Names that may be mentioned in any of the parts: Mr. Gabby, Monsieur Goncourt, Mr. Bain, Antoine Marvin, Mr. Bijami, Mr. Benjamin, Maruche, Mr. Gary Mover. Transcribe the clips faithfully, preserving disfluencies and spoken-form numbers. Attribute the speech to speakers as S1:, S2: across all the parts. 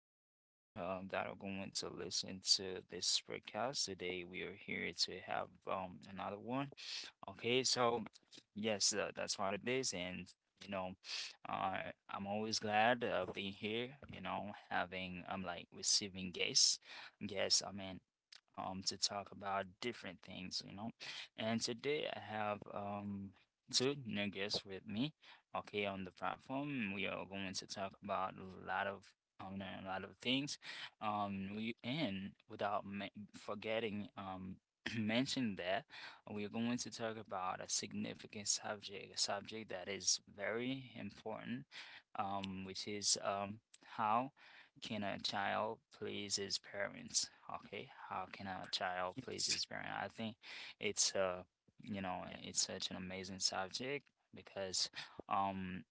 S1: listeners um, that are going to listen to this podcast today. We are here to have um another one. Okay, so yes, uh, that's what it is, and you know, uh, I'm always glad uh, being here. You know, having I'm like receiving guests, guests. I mean, um, to talk about different things. You know, and today I have um two new guests with me. Okay, on the platform, we are going to talk about a lot of um, a lot of things. Um, we and without me forgetting um mention that we are going to talk about a significant subject, a subject that is very important, um, which is um how can a child please his parents? Okay, how can a child please
S2: Yes.
S1: his parent? I think it's uh you know,
S2: Yeah.
S1: it's such an amazing subject because um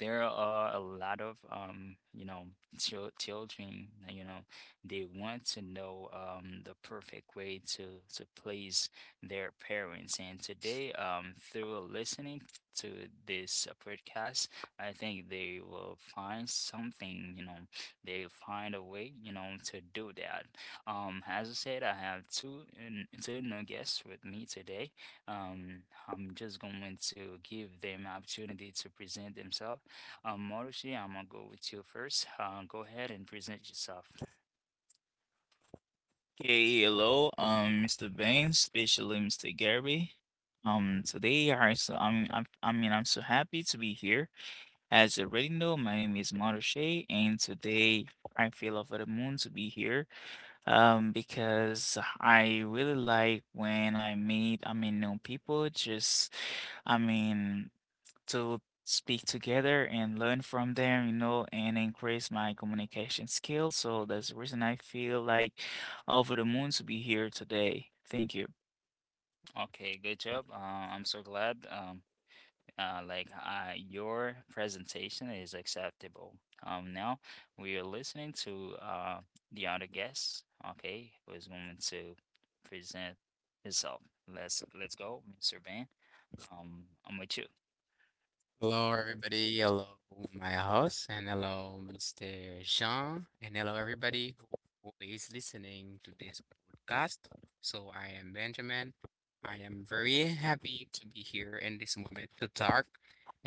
S1: there are a lot of um you know, chil- children uh, you know, they want to know um the perfect way to to please their parents, and today um through listening to this uh, podcast, I think they will find something, you know, they'll find a way, you know, to do that. Um as I said, I have two n- two new guests with me today. um, I'm just going to give them opportunity to present themselves. Um, Marushi, I'm gonna go with you first. Uh, go ahead and present yourself.
S2: Okay, hello, um, mister Bain, especially mister Gary. Um, today I so I'm, I'm I mean I'm so happy to be here. As you already know, my name is Maruche, and today I feel over the moon to be here. Um, because I really like when I meet I mean new people. Just I mean to speak together and learn from them, you know, and increase my communication skills. So that's the reason I feel like over the moon to be here today. Thank you.
S1: Okay, good job. Uh, I'm so glad. Um, uh, like uh, your presentation is acceptable. Um, now we are listening to uh the other guest. Okay, who is going to present himself. Let's let's go, mister Van. Um, I'm with you.
S3: Hello, everybody. Hello, my host, and hello, mister Jean, and hello, everybody who is listening to this podcast. So, I am Benjamin. I am very happy to be here in this moment to talk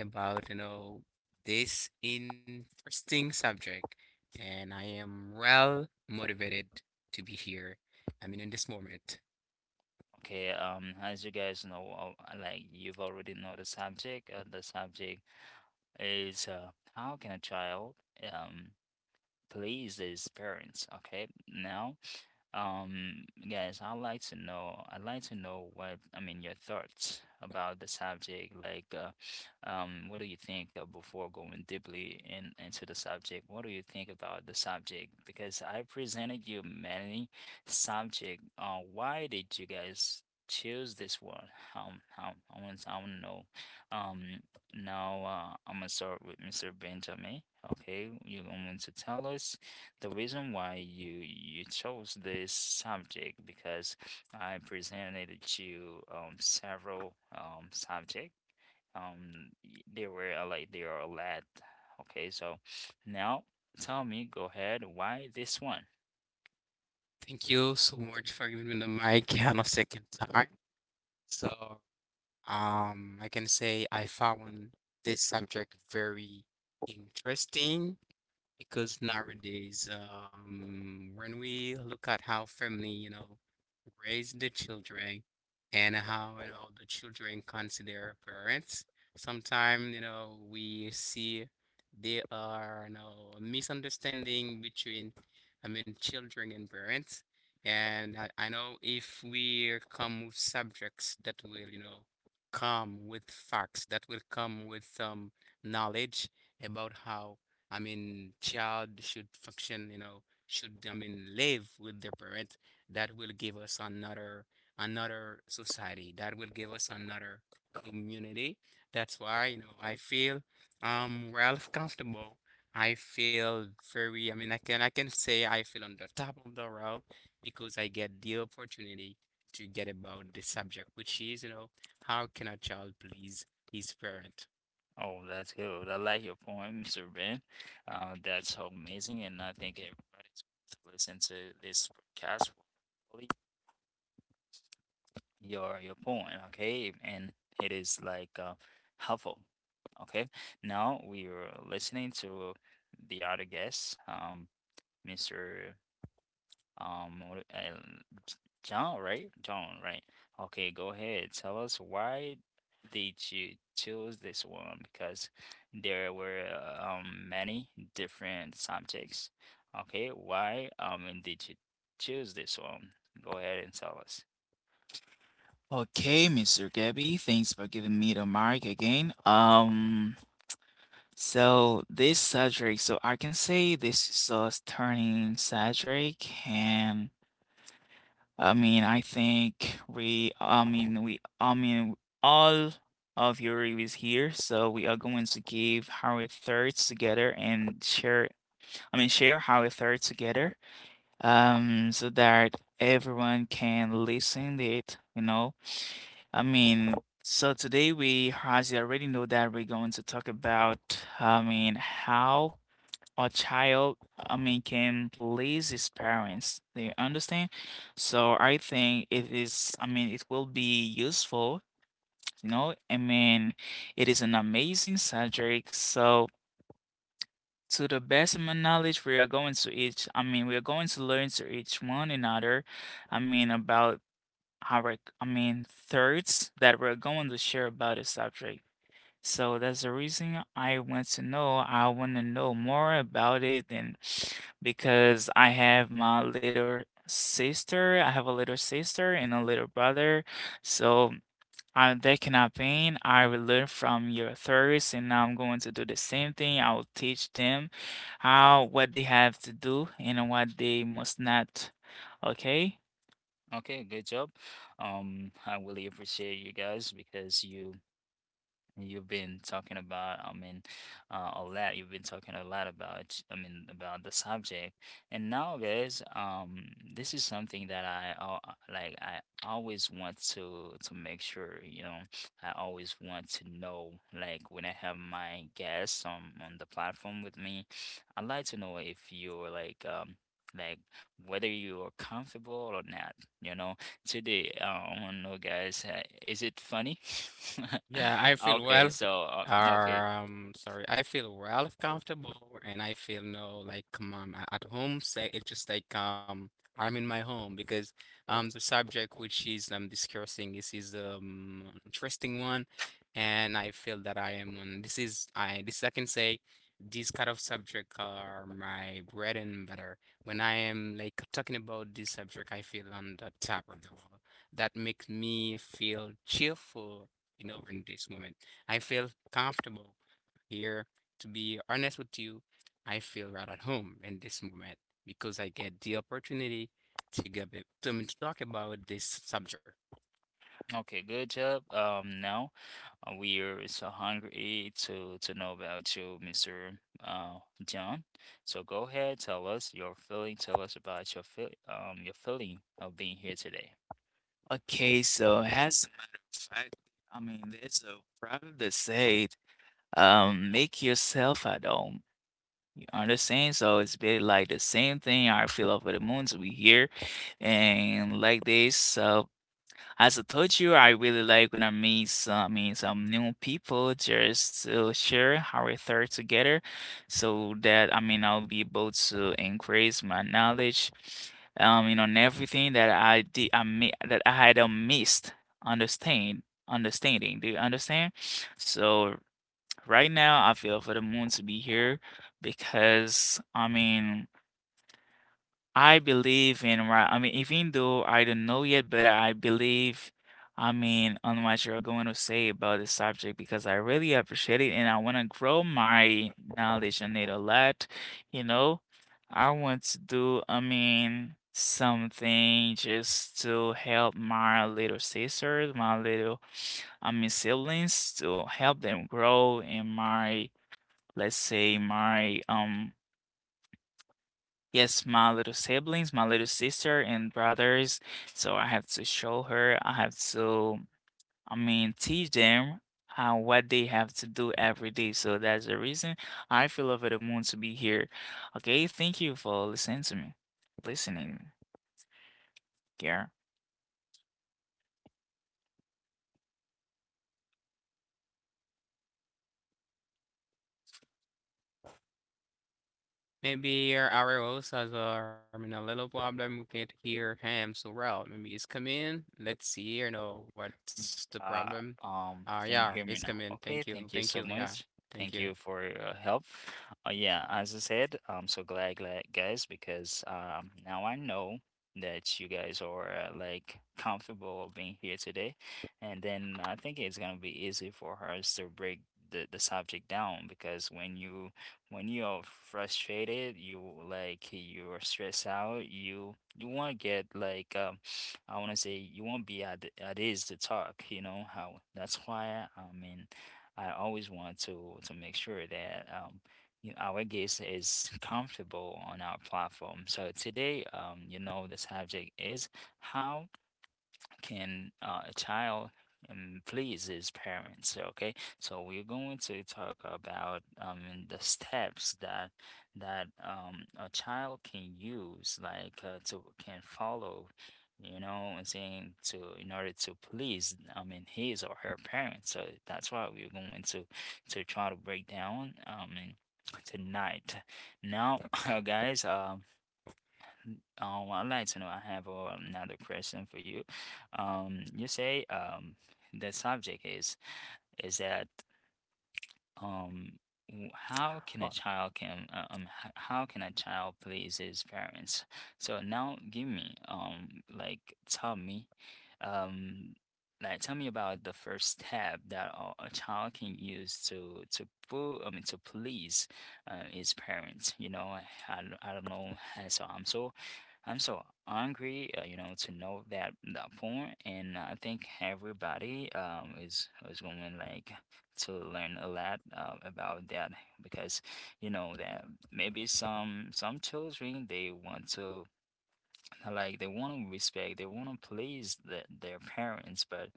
S3: about, you know, this interesting subject, and I am well motivated to be here. I mean, in this moment.
S1: Okay, um, as you guys know, uh, like you've already know the subject, uh, the subject is uh, how can a child um please his parents. Okay, now, um, guys, I'd like to know. I'd like to know what I mean, your thoughts about the subject. Like, uh, um, what do you think uh, before going deeply in into the subject? What do you think about the subject? Because I presented you many subject. Uh, why did you guys choose this one? Um, how I want I want to know. Um, Now, uh, I'm gonna start with mister Benjamin. Okay, you're going to tell us the reason why you you chose this subject, because I presented you um several um subject. Um, y- there were a lot, there are a lot. Okay, so now tell me, go ahead, why this one?
S3: Thank you so much for giving me the mic on a second time. So, um, I can say I found this subject very interesting because nowadays, um, when we look at how family, you know, raise the children and how, you know, the children consider parents, sometimes, you know, we see there are, you know, misunderstanding between, I mean, children and parents. And I, I know if we come with subjects that will, you know, come with facts, that will come with some knowledge about how I mean, child should function, you know, should, I mean, live with their parent. That will give us another another society. That will give us another community. That's why, you know, I feel um well comfortable. I feel very, I mean, I can I can say I feel on the top of the world because I get the opportunity to get about the subject, which is, you know, how can a child please his parent?
S1: Oh, that's good. I like your point, mister Ben. Uh, that's so amazing, and I think everybody's going to listen to this podcast, will really your your point, okay? And it is like uh, helpful. Okay. Now we are listening to the other guest, um, Mr. Um, what- uh, J- John, right? John, right? Okay, go ahead. Tell us why did you choose this one? Because there were uh, um many different subjects. Okay, why um did you choose this one? Go ahead and tell us.
S2: Okay, mister Gabby, thanks for giving me the mic again. Um, so this subject, so I can say this is a turning subject, and I mean, I think we, I mean, we, I mean, all of your is here. So we are going to give how it thirds together and share, I mean, share how it thirds together, um, so that everyone can listen to it, you know. I mean, so today we, as you already know, that we're going to talk about, I mean, how a child, I mean, can please his parents. Do you understand? So I think it is, I mean, it will be useful, you know? I mean, it is an amazing subject. So to the best of my knowledge, we are going to each, I mean, we are going to learn to each one another. I mean, about our, I mean, thirds that we're going to share about the subject. So that's the reason I want to know. I want to know more about it, and because I have my little sister, I have a little sister and a little brother, so I they cannot paint. I will learn from your theories, and I'm going to do the same thing. I will teach them how what they have to do and what they must not. Okay?
S1: Okay, good job. Um, I really appreciate you guys because you you've been talking about, I mean, uh, a lot. You've been talking a lot about, I mean, about the subject. And now, guys, um, this is something that I al- like. I always want to to make sure, you know, I always want to know, like, when I have my guests on on the platform with me, I'd like to know if you're like, um, like whether you are comfortable or not. You know, today. Uh, I want to know, guys, uh, is it funny?
S3: Yeah, I feel
S1: Okay,
S3: well.
S1: so uh, okay,
S3: Um, sorry, I feel well comfortable, and I feel no like um i a- at home. Say it's just like um I'm in my home because um the subject which is I'm discussing this is um interesting one, and I feel that I am on this is I this I can say these kind of subject are my bread and butter. When I am like talking about this subject, I feel on the top of the world. That makes me feel cheerful you know, in this moment. I feel comfortable here. To be honest with you, I feel right at home in this moment because I get the opportunity to get it- to, me to talk about this subject.
S1: okay, good job. Um, now uh, we are so hungry to to know about you, mister Uh, John. So go ahead, tell us your feeling. Tell us about your feel um your feeling of being here today.
S2: Okay, so as a matter of fact, I mean, there's a proverb that says, um make yourself at home, you understand. So it's been like the same thing. I feel over the moons we here, and like this. So as I told you, I really like when I meet some I mean some new people, just to share our thoughts together, so that i mean I'll be able to increase my knowledge, um you know, and everything that I did I mi- that I had uh, missed understand understanding do you understand? So right now, I feel for the moon to be here because I mean, I believe in right. I mean, even though I don't know yet, but I believe, I mean, on what you're going to say about this subject, because I really appreciate it and I want to grow my knowledge on it a lot. You know, I want to do, I mean, something just to help my little sisters, my little I mean siblings, to help them grow in my, let's say my um yes, my little siblings, my little sister and brothers. So I have to show her, I have to, i mean teach them how what they have to do every day. So that's the reason I feel over the moon to be here. Okay, thank you for listening to me listening here.
S3: Maybe our our host has uh, I mean, a little problem. We can't hear him so well. Maybe it's coming. Let's see. You know what's the problem?
S1: Uh,
S3: Uh,
S1: um,
S3: yeah,
S1: can you
S3: it's
S1: hear me now?
S3: coming. Thank
S1: Okay,
S3: you.
S1: thank
S3: Thank
S1: you
S3: you.
S1: so
S3: Yeah,
S1: much.
S3: thank
S1: Thank
S3: you.
S1: you for your help. Uh, yeah, as I said, I'm so glad, glad, guys, because um, now I know that you guys are uh, like comfortable being here today, and then I think it's gonna be easy for us to break the the subject down, because when you when you are frustrated, you like you are stressed out, you you want to get like um I want to say you won't be at the- at ease to talk, you know how. That's why I mean I always want to to make sure that um you our guest is comfortable on our platform. So today, um, you know, the subject is how can uh, a child um, please his parents. Okay, so we're going to talk about um, the steps that that um, a child can use, like uh, to can follow, you know, and saying to, in order to please, I mean, his or her parents. So that's why we're going to to try to break down, um, and tonight now guys um um, I'd like to know, I have uh, another question for you. Um, you say um, the subject is is that um w- how can a
S2: Oh.
S1: child can uh, um h- how can a child please his parents? So now give me um like tell me um like tell me about the first step that a a child can use to to pu- I mean to please uh, his parents. You know I, I don't I don't know how. so I'm so I'm so hungry, uh, you know, to know that that point, and I think everybody um is is going like to learn a lot uh, about that, because you know that maybe some some children, they want to like they want to respect, they want to please the, their parents, but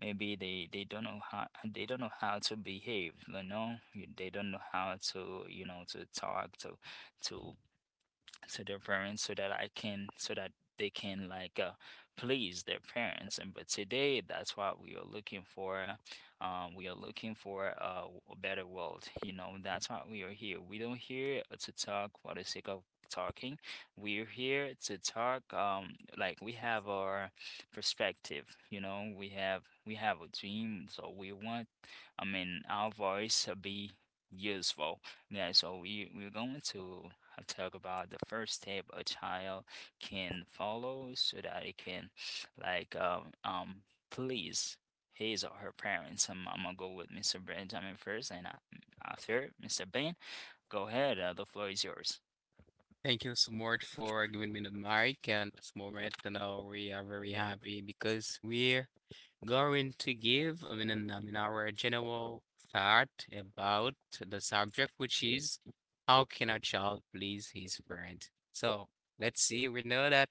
S1: maybe they they don't know how, they don't know how to behave, you know. You- they don't know how to, you know, to talk to to to their parents, so that I can so that they can, like uh, please their parents. And but today, that's what we are looking for. Um, we are looking for a, a better world, you know. That's why we are here. We don't here to talk for the sake of talking. We're here to talk, um, like we have our perspective, you know. We have we have a dream, so we want, I mean, our voice to be useful. Yeah, so we we're going to I'll talk about the first step a child can follow so that it can like um, um please his or her parents. I'm, I'm gonna go with mister Benjamin first, and uh, after mister Ben, go ahead. Uh, the floor is yours.
S3: Thank you so much for giving me the mic and this moment. And uh, we are very happy because we're going to give, I mean, an- I mean, our general thought about the subject, which is how can a child please his parent? So let's see. We know that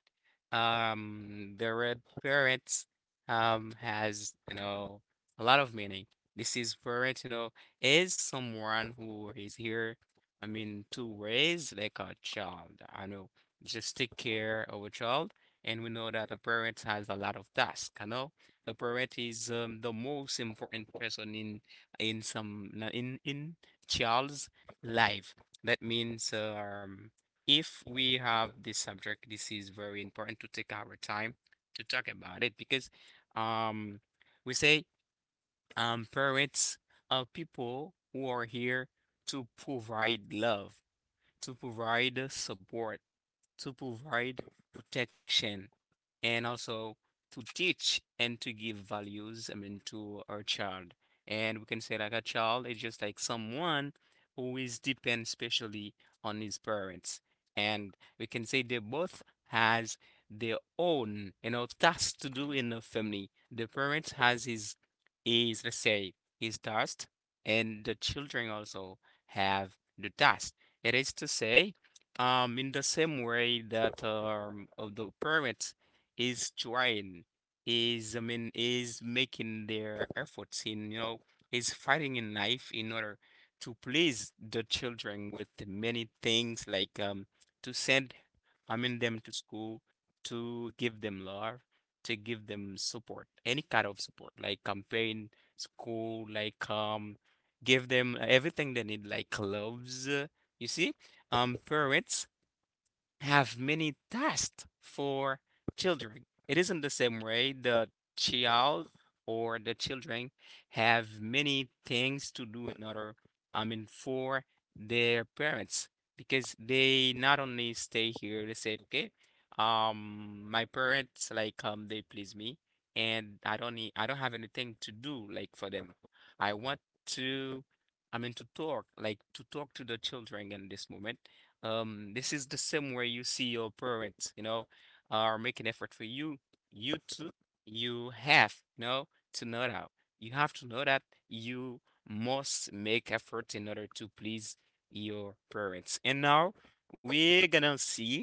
S3: um, the word parents um, has, you know, a lot of meaning. This is parent, you know, is someone who is here I mean, to raise like a child. I know, just take care of a child, and we know that a parent has a lot of tasks. I know the parent is um, the most important person in in some na- in in child's life. That means um, if we have this subject, this is very important to take our time to talk about it because um, we say um, parents are people who are here to provide love to provide support to provide protection and also to teach and to give values, I mean, to our child. And we can say like a child is just like someone who is depend specially on his parents. And we can say they both has their own, you know, tasks to do in the family. The parents has his is let's say his task and the children also have the task. It is to say um, in the same way that um of the parents is trying, is I mean is making their efforts in, you know, is fighting in life in order to please the children with many things like um to send I mean them to school, to give them love, to give them support, any kind of support, like campaign, school, like um give them everything they need, like gloves, uh, you see? Um, parents have many tasks for children. It isn't the same way the child or the children have many things to do in order, I mean, for their parents because they not only stay here, they say, okay, um, my parents like um they please me and I don't need I don't have anything to do like for them. I want to I mean to talk like to talk to the children in this moment um, this is the same way you see your parents, you know, are making effort for you. You too, you have, you know, to know that. You have to know that you must make effort in order to please your parents. And now we're gonna see,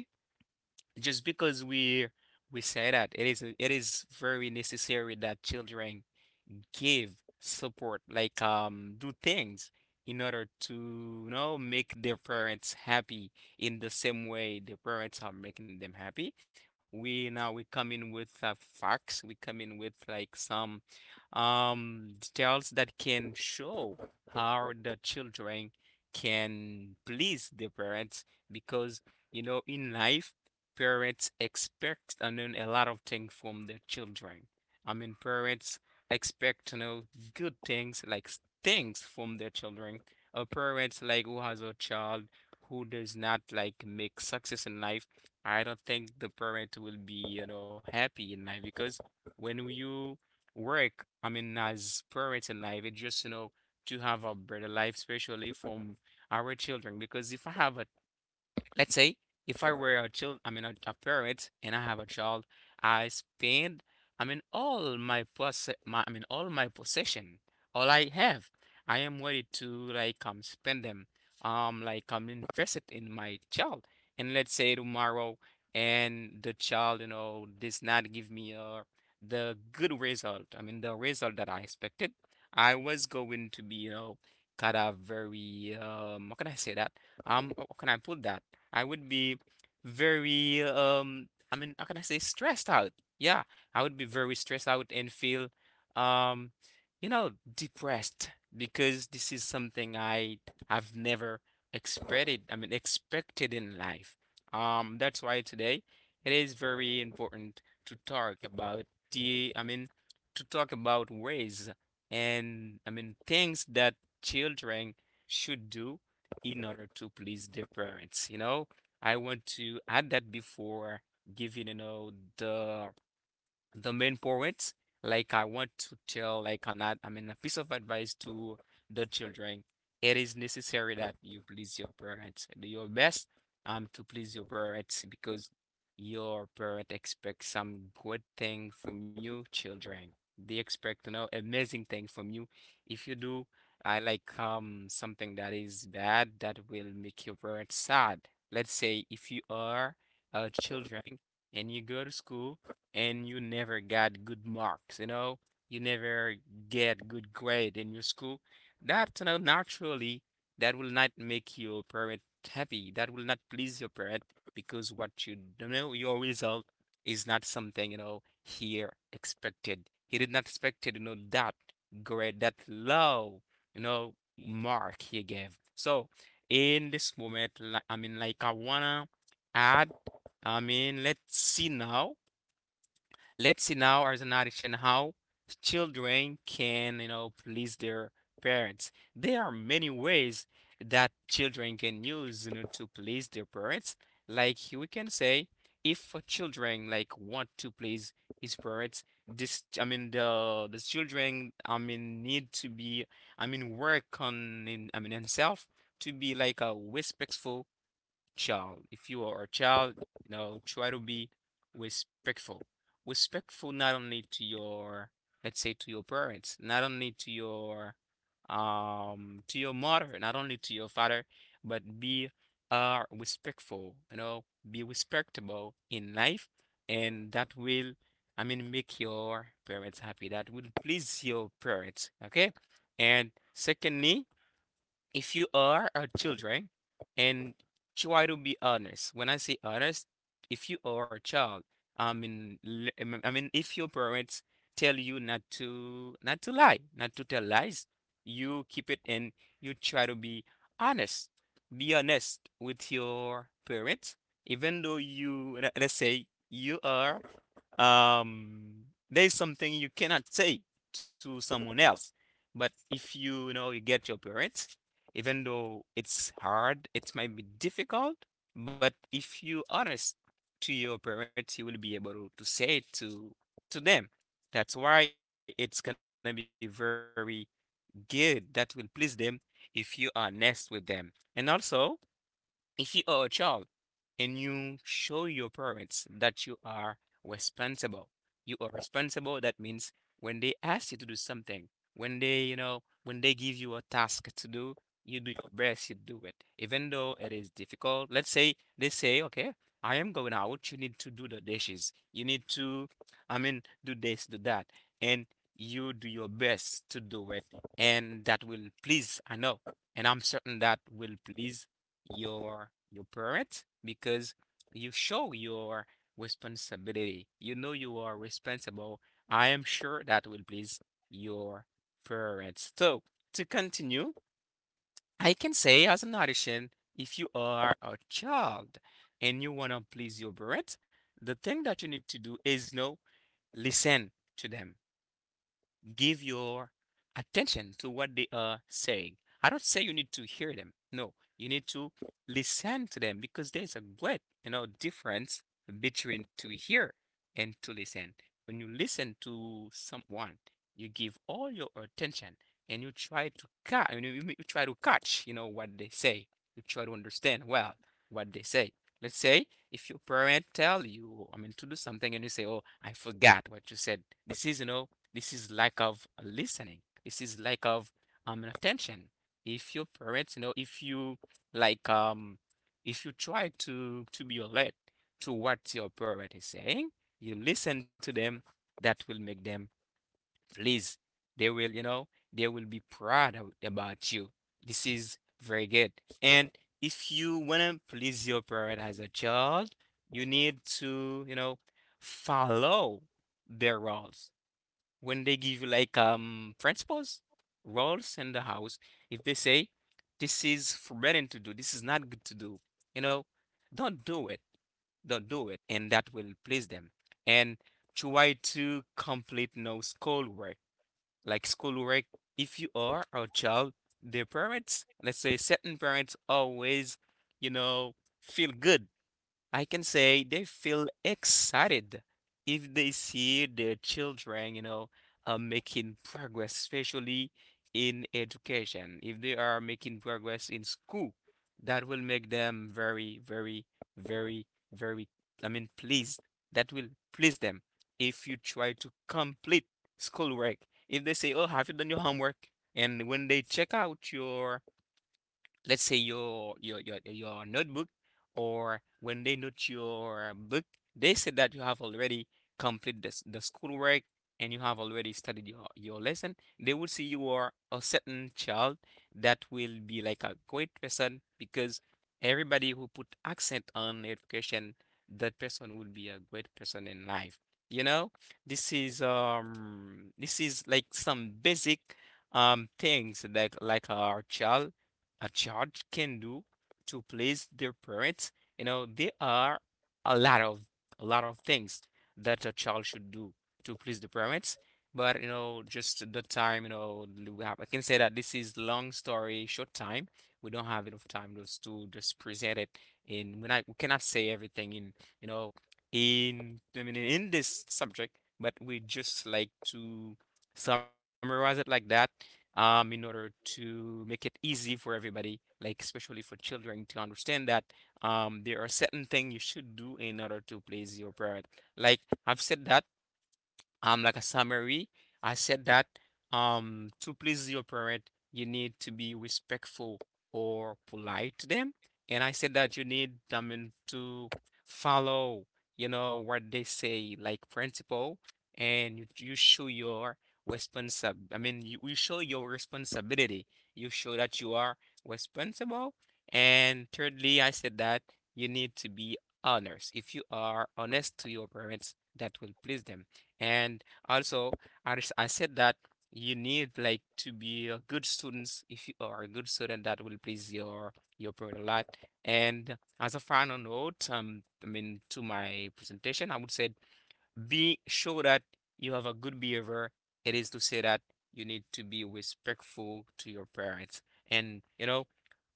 S3: just because we we say that it is it is very necessary that children should give support, like um do things in order to, you know, make their parents happy in the same way their parents are making them happy. We now we come in with uh, facts, we come in with like some um, details that can show how the children can please their parents because you know in life parents expect I mean, a lot of things from their children. I mean parents expect you know good things like s- things from their children. A parents like who has a child who does not like make success in life, I don't think the parent will be you know happy in life because when you work, I mean, as parents in life, it's just, you know, to have a better life, especially from our children. Because if I have a Let's say if I were a child, I mean a, a parent, and I have a child, I spend, I mean all my poss, my I mean all my possession, all I have, I am ready to like um spend them, um like um invest it in my child. And let's say tomorrow, and the child, you know, does not give me uh the good result. I mean the result that I expected. I was going to be, you know, kind of very um, how can I say that? Um, how can I put that? I would be very um I mean, how can I say stressed out? Yeah, I would be very stressed out and feel um you know, depressed because this is something I have never expected. I mean, expected in life. Um, that's why today it is very important to talk about the, I mean, to talk about ways and I mean things that children should do in order to please their parents. You know, I want to add that before giving, you know, the the main point, like I want to tell, like an ad, I mean, a piece of advice to the children. It is necessary that you please your parents. Do your best um to please your parents because your parent expect some good thing from you, children. They expect, you know, amazing thing from you. If you do, I like um something that is bad that will make your parents sad. Let's say if you are uh, children and you go to school and you never got good marks, you know, you never get good grade in your school, that, you know, naturally, that will not make your parent happy. That will not please your parent because what you you know, your result is not something, you know, he expected. He did not expect, you know, that grade, that low, you know, mark he gave. So in this moment, like, I mean, like I wanna add, I mean, let's see now. Let's see now as an addition how children can, you know, please their parents. There are many ways that children can use, you know, to please their parents. Like we can say, if children like want to please his parents, this I mean the the children I mean need to be I mean work on in I mean himself to be like a respectful child. If you are a child, you know, try to be respectful. Respectful not only to your, let's say, to your parents, not only to your, um, to your mother, not only to your father, but be uh respectful. You know, be respectable in life, and that will, I mean, make your parents happy. That will please your parents. Okay, and secondly, if you are a children and try to be honest. When I say honest, if you are a child, i mean l- i mean I mean, if your parents tell you not to not to lie, not to tell lies, you keep it, and you try to be honest. Be honest with your parents. Even though you let- let's say you are, um there's something you cannot say to someone else, but if you, you know you get your parents, even though it's hard, it might be difficult, but if you honest to your parents, you will be able to say it to to them. That's why it's gonna be very good. That will please them if you are honest with them. And also, if you are a child and you show your parents that you are responsible, you are responsible, that means when they ask you to do something, when they, you know, when they give you a task to do, you do your best, you do it. Even though it is difficult, let's say they say, okay, I am going out, you need to do the dishes, you need to, I mean, do this, do that, and you do your best to do it, and that will please, I know, and I'm certain that will please your your parent because you show your responsibility. You know you are responsible. I am sure that will please your parents. So to continue, I can say as an addition, if you are a child and you wanna please your parents, the thing that you need to do is no, listen to them, give your attention to what they are saying. I don't say you need to hear them. No, you need to listen to them because there's a great, you know, difference between to hear and to listen. When you listen to someone, you give all your attention, and you try to catch, you, you you try to catch, you know, what they say. You try to understand well what they say. Let's say if your parent tell you, I mean, to do something and you say, "Oh, I forgot what you said." This is, you know, this is lack of listening. This is lack of um attention. If your parents, you know, if you like um if you try to to be alert to what your parent is saying, you listen to them, that will make them pleased. They will, you know, they will be proud ab- about you. This is very good. And if you wanna please your parent as a child, you need to, you know, follow their rules. When they give you like um principles, rules in the house, if they say this is forbidden to do, this is not good to do, you know, don't do it, don't do it, and that will please them. And try to complete no schoolwork, like schoolwork. If you are a child, their parents, let's say certain parents, always, you know, feel good, I can say they feel excited if they see their children, you know, uh, making progress, especially in education. If they are making progress in school, that will make them very, very, very, very, I mean, pleased. That will please them if you try to complete schoolwork. If they say, oh, have you done your homework? And when they check out your, let's say your your your your notebook, or when they note your book, they said that you have already completed the, s- the schoolwork and you have already studied your, your lesson, they will see you are a certain child. That will be like a great person because everybody who put accent on education, that person will be a great person in life. You know, this is um this is like some basic um things like like our child, a child can do to please their parents. You know, there are a lot of, a lot of things that a child should do to please the parents. But you know, just the time, you know, we have- I can say that this is long story, short time. We don't have enough time just to just present it in, when I, we cannot say everything in, you know, in, I mean, in this subject, but we just like to summarize it like that, um, in order to make it easy for everybody, like especially for children, to understand that um, there are certain things you should do in order to please your parent. Like I've said that um like a summary, I said that um to please your parent, you need to be respectful or polite to them. And I said that you need them mean to follow, you know, what they say, like principle. And you, you show your responsible, I mean, you, you show your responsibility, you show that you are responsible. And thirdly, I said that you need to be honest. If you are honest to your parents, that will please them. And also, I, s- I said that you need like to be a good students. If you are a good student, that will please your your parent a lot. And as a final note, um, I mean, to my presentation, I would say be, show that you have a good behavior. It is to say that you need to be respectful to your parents. And you know,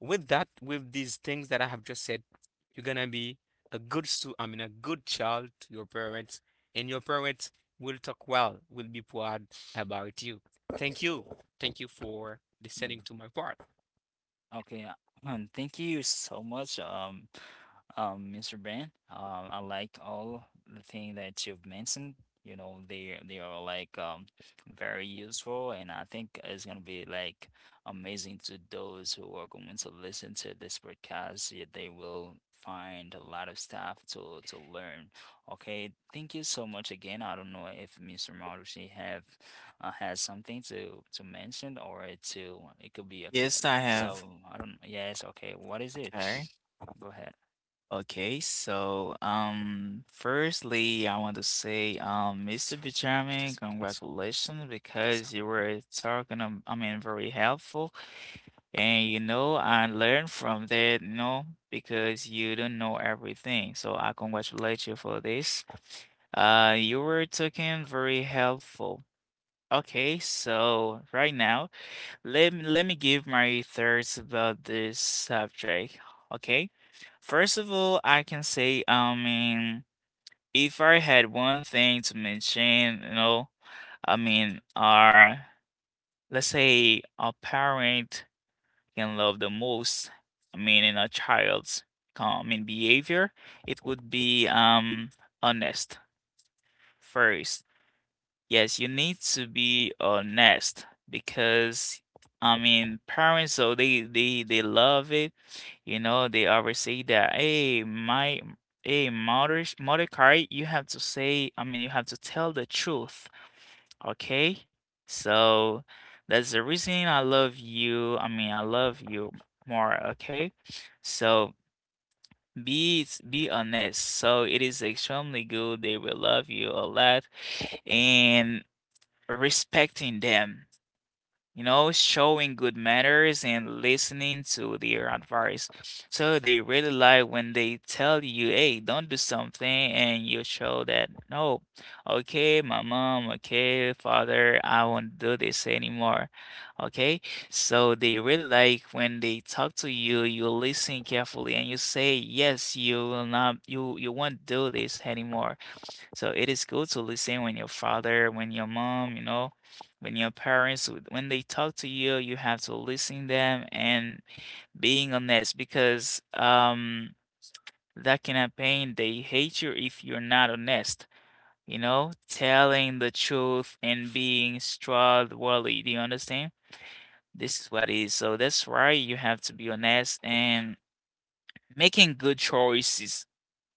S3: with that, with these things that I have just said, you're gonna be a good stu I mean a good child to your parents, and your parents will talk well, will be proud about you. Thank you. Thank you for listening to my part.
S1: Okay, uh, um, thank you so much, um, um, mister Brand. Um, I like all the thing that you've mentioned. You know, they they are like um very useful, and I think it's gonna be like amazing to those who are going to listen to this podcast. Yeah, they will find a lot of stuff to to learn. Okay, thank you so much again. I don't know if mister Marushi have uh, has something to to mention or to, it could be a,
S2: Yes, I
S1: so
S2: have.
S1: I don't, yes, okay. What is it?
S2: Okay.
S1: Go ahead.
S2: Okay, so um firstly I want to say um
S3: So,
S2: mister
S3: okay, so,
S2: Benjamin,
S3: okay, so,
S2: congratulations,
S3: okay, so.
S2: because you were talking um, I mean very helpful, and you know I learned from that, you know, because you don't know everything. So I congratulate you for this. Uh you were talking very helpful. Okay, so right now, let, let me give my thoughts about this subject, okay? First of all, I can say, I mean, if I had one thing to mention, you know, I mean, our, let's say, a parent can love the most, I mean, in a child's, com- I mean, behavior, it would be um honest first. Yes, you need to be honest because I mean parents, so they they they love it. You know, they always say that, hey, my hey mother, mother card, you have to say, I mean you have to tell the truth. Okay? So that's the reason I love you. I mean I love you more, okay? So be be honest. So it is extremely good. They will love you a lot. And respecting them, you know, showing good manners and listening to their advice. So they really like when they tell you, hey, don't do something, and you show that, no, okay, my mom, okay, father, I won't do this anymore. Okay, so they really like when they talk to you, you listen carefully and you say, yes, you will not, you, you won't do this anymore. So it is good to listen when your father, when your mom, you know, when your parents, w- when they talk to you, you have to listen them and being honest, because um that campaign they hate you if you're not honest. You know, telling the truth and being trustworthy. Do you understand? This is what it is. So that's why you have to be honest and making good choices.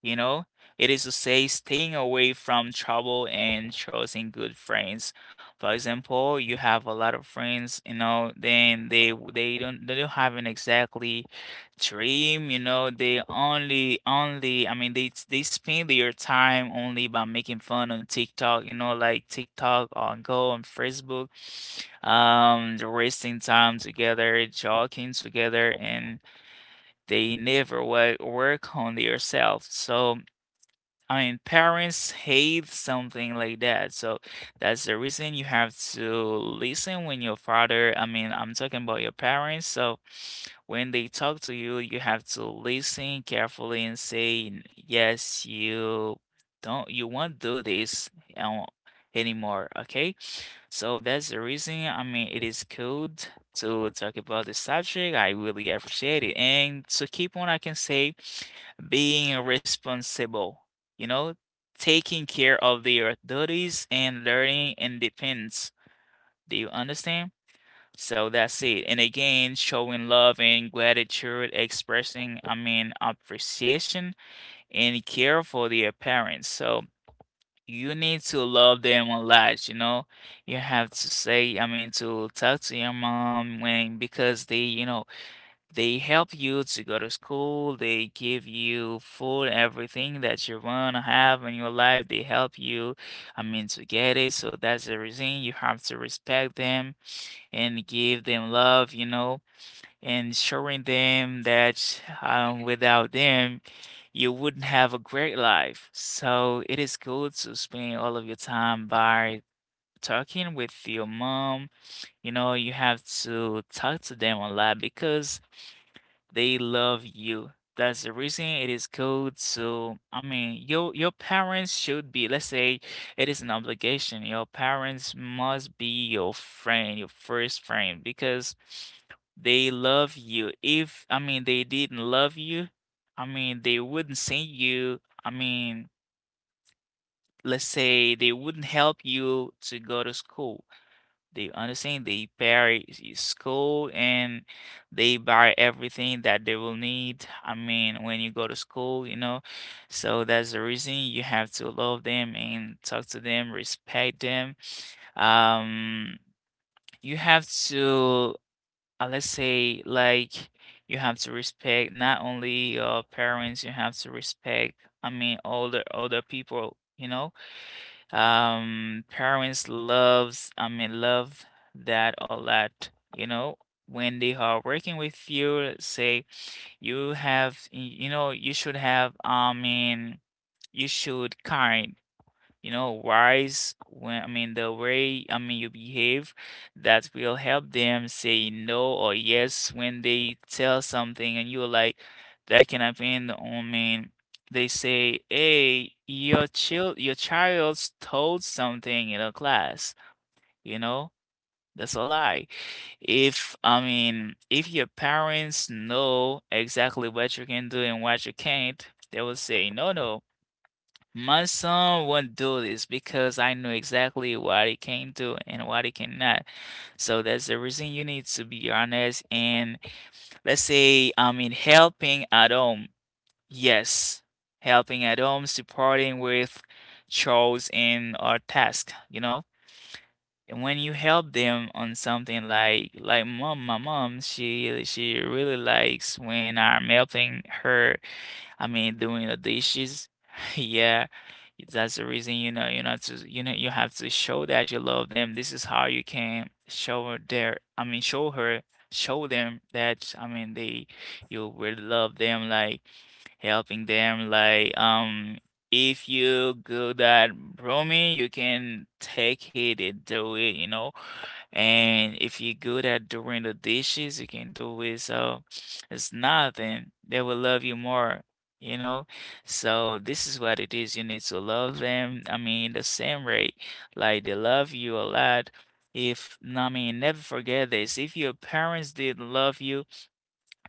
S2: You know, it is to say staying away from trouble and choosing good friends. For example, you have a lot of friends, you know, then they w- they don't they don't have an exactly dream, you know, they only only I mean they they spend their time only by making fun on TikTok, you know, like TikTok on Go on Facebook. Um, they're wasting time together, joking together, and they never work work on themselves. So I mean, parents hate something like that. So that's the reason you have to listen when your father, I mean, I'm talking about your parents. So when they talk to you, you have to listen carefully and say, yes, you don't, you won't do this um, anymore. Okay. So that's the reason, I mean, it is good to talk about this subject. I really appreciate it. And to keep on, I can say being responsible, you know, taking care of their duties and learning independence. Do you understand? So that's it. And again, showing love and gratitude, expressing, I mean, appreciation and care for their parents. So you need to love them a lot, you know. You have to say, I mean, to talk to your mom, when because they, you know, they help you to go to school. They give you food, everything that you wanna have in your life. They help you, I mean, to get it. So that's the reason you have to respect them and give them love, you know, and showing them that um, without them, you wouldn't have a great life. So it is good to spend all of your time by talking with your mom. You know, you have to talk to them a lot because they love you. That's the reason it is called. So, I mean, your your parents should be, let's say, it is an obligation. Your parents must be your friend, your first friend, because they love you. If, I mean, they didn't love you, I mean, they wouldn't send you, I mean, let's say they wouldn't help you to go to school. They understand they pay s- school, and they buy everything that they will need. I mean, when you go to school, you know. So that's the reason you have to love them and talk to them, respect them. Um, you have to, uh, let's say, like, you have to respect not only your parents, you have to respect, I mean, older older people, you know. Um, parents loves, I mean, love that a lot, you know. When they are working with you, say you have, y- you know, you should have, I mean, you should kind, you know, wise when I mean the way I mean you behave. That will help them say no or yes when they tell something and you're like that can happen. I mean they say, hey, your child, your child's told something in a class, you know? That's a lie. If, I mean if your parents know exactly what you can do and what you can't, they will say, no, no, my son won't do this because I know exactly what he can do and what he cannot. So that's the reason you need to be honest. And let's say, I mean, helping at home. Yes, helping at home, supporting with chores and or task, you know? And when you help them on something like like mom, my mom, she she really likes when I'm helping her, I mean, doing the dishes. Yeah, that's the reason, you know, you know to you know you have to show that you love them. This is how you can show her their, I mean, show her, show them that I mean they you really love them, like helping them, like um if you go that roaming, you can take it and do it, you know. And if you're good at doing the dishes, you can do it. So it's nothing. They will love you more, you know? So this is what it is. You need to love them. I mean, the same rate. Like they love you a lot. If, no, I mean, Never forget this. If your parents didn't love you,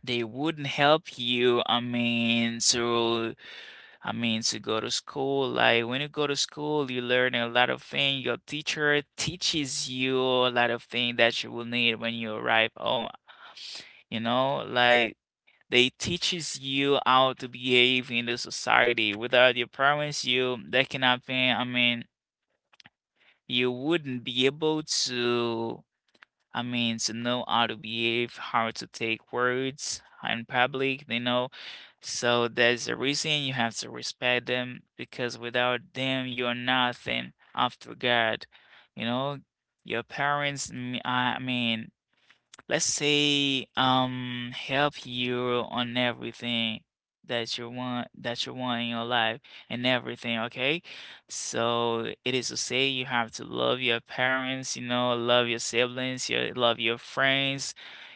S2: they wouldn't help you. I mean, to I mean, to go to school, like when you go to school, you learn a lot of things. Your teacher teaches you a lot of things that you will need when you arrive home. You know, like they teaches you how to behave in the society. Without your parents, you that can happen. I mean, You wouldn't be able to I mean, to know how to behave, how to take words in public, you know. So there's a reason you have to respect them because without them, you're nothing after God. You know, your parents, mm, I mean, let's say um help you on everything that you want that you want in your life and everything, okay? So it is to say you have to love your parents, you know, love your siblings, you love your friends,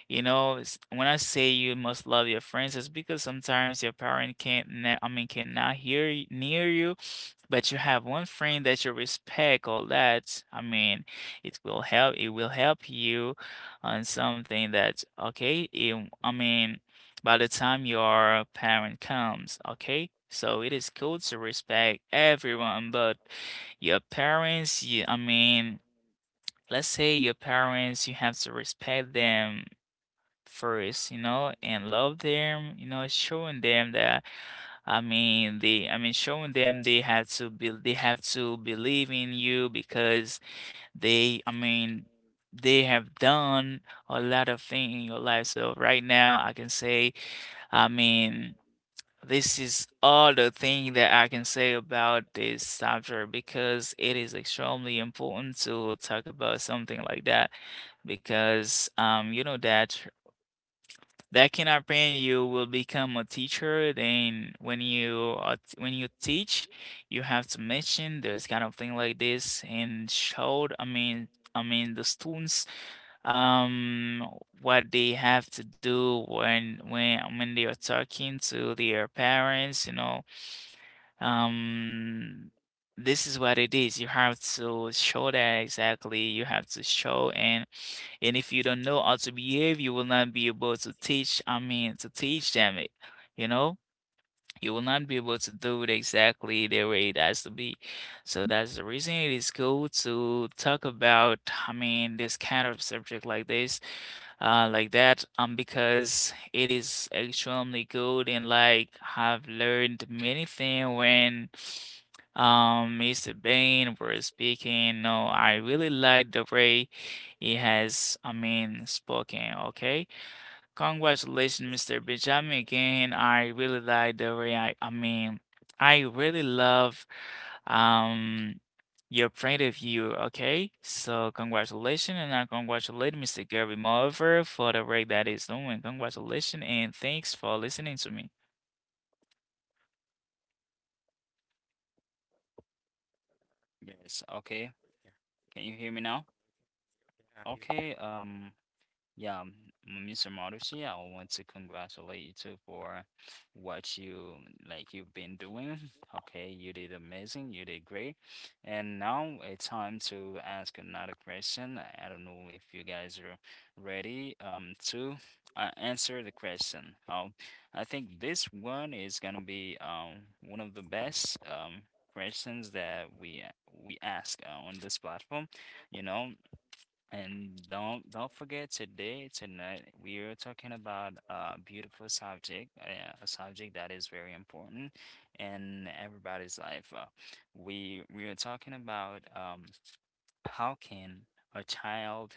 S2: you know. S- when I say you must love your friends, it's because sometimes your parent can't ne- I mean cannot hear y- near you, but you have one friend that you respect. All that, i mean it will help, it will help you on something that, okay it, I mean by the time your parent comes. Okay, so it is cool to respect everyone, but your parents, you I mean let's say your parents, you have to respect them first, you know, and love them, you know, showing them that I mean, they, I mean, showing them they have to be, they have to believe in you because they, I mean, they have done a lot of things in your life. So right now, I can say, I mean, this is all the thing that I can say about this subject because it is extremely important to talk about something like that because um you know that that cannot brand you will become a teacher. Then when you are t- when you teach, you have to mention there's kind of thing like this and showed I mean I mean the students, um what they have to do when when when they are talking to their parents, you know. um this is what it is. You have to show that exactly you have to show. And and if you don't know how to behave, you will not be able to teach, I mean, to teach them it, you know? You will not be able to do it exactly the way it has to be. So that's the reason it is cool to talk about, I mean, this kind of subject like this, uh, like that, um, because it is extremely good. And like I've learned many things when um mister Bain was speaking. No, I really like the way he has, I mean, spoken, okay? Congratulations, mister Benjamin. Again, I really like the way I, I mean, I really love um your point of view, okay? So congratulations, and I congratulate mister Gary Mover for the work that he's doing. Congratulations and thanks for listening to me.
S1: Yes, okay. Can you hear me now? Okay, um, Yeah, m- mister Marushi, I want to congratulate you too for what you like you've been doing. Okay, you did amazing, you did great. And now it's time to ask another question. I I don't know if you guys are ready um to uh, answer the question. Um, I think this one is gonna be um one of the best um questions that we we ask uh, on this platform. You know, and don't don't forget, today, tonight, we are talking about a beautiful subject, uh, a subject that is very important in everybody's life. Uh, we we are talking about um how can a child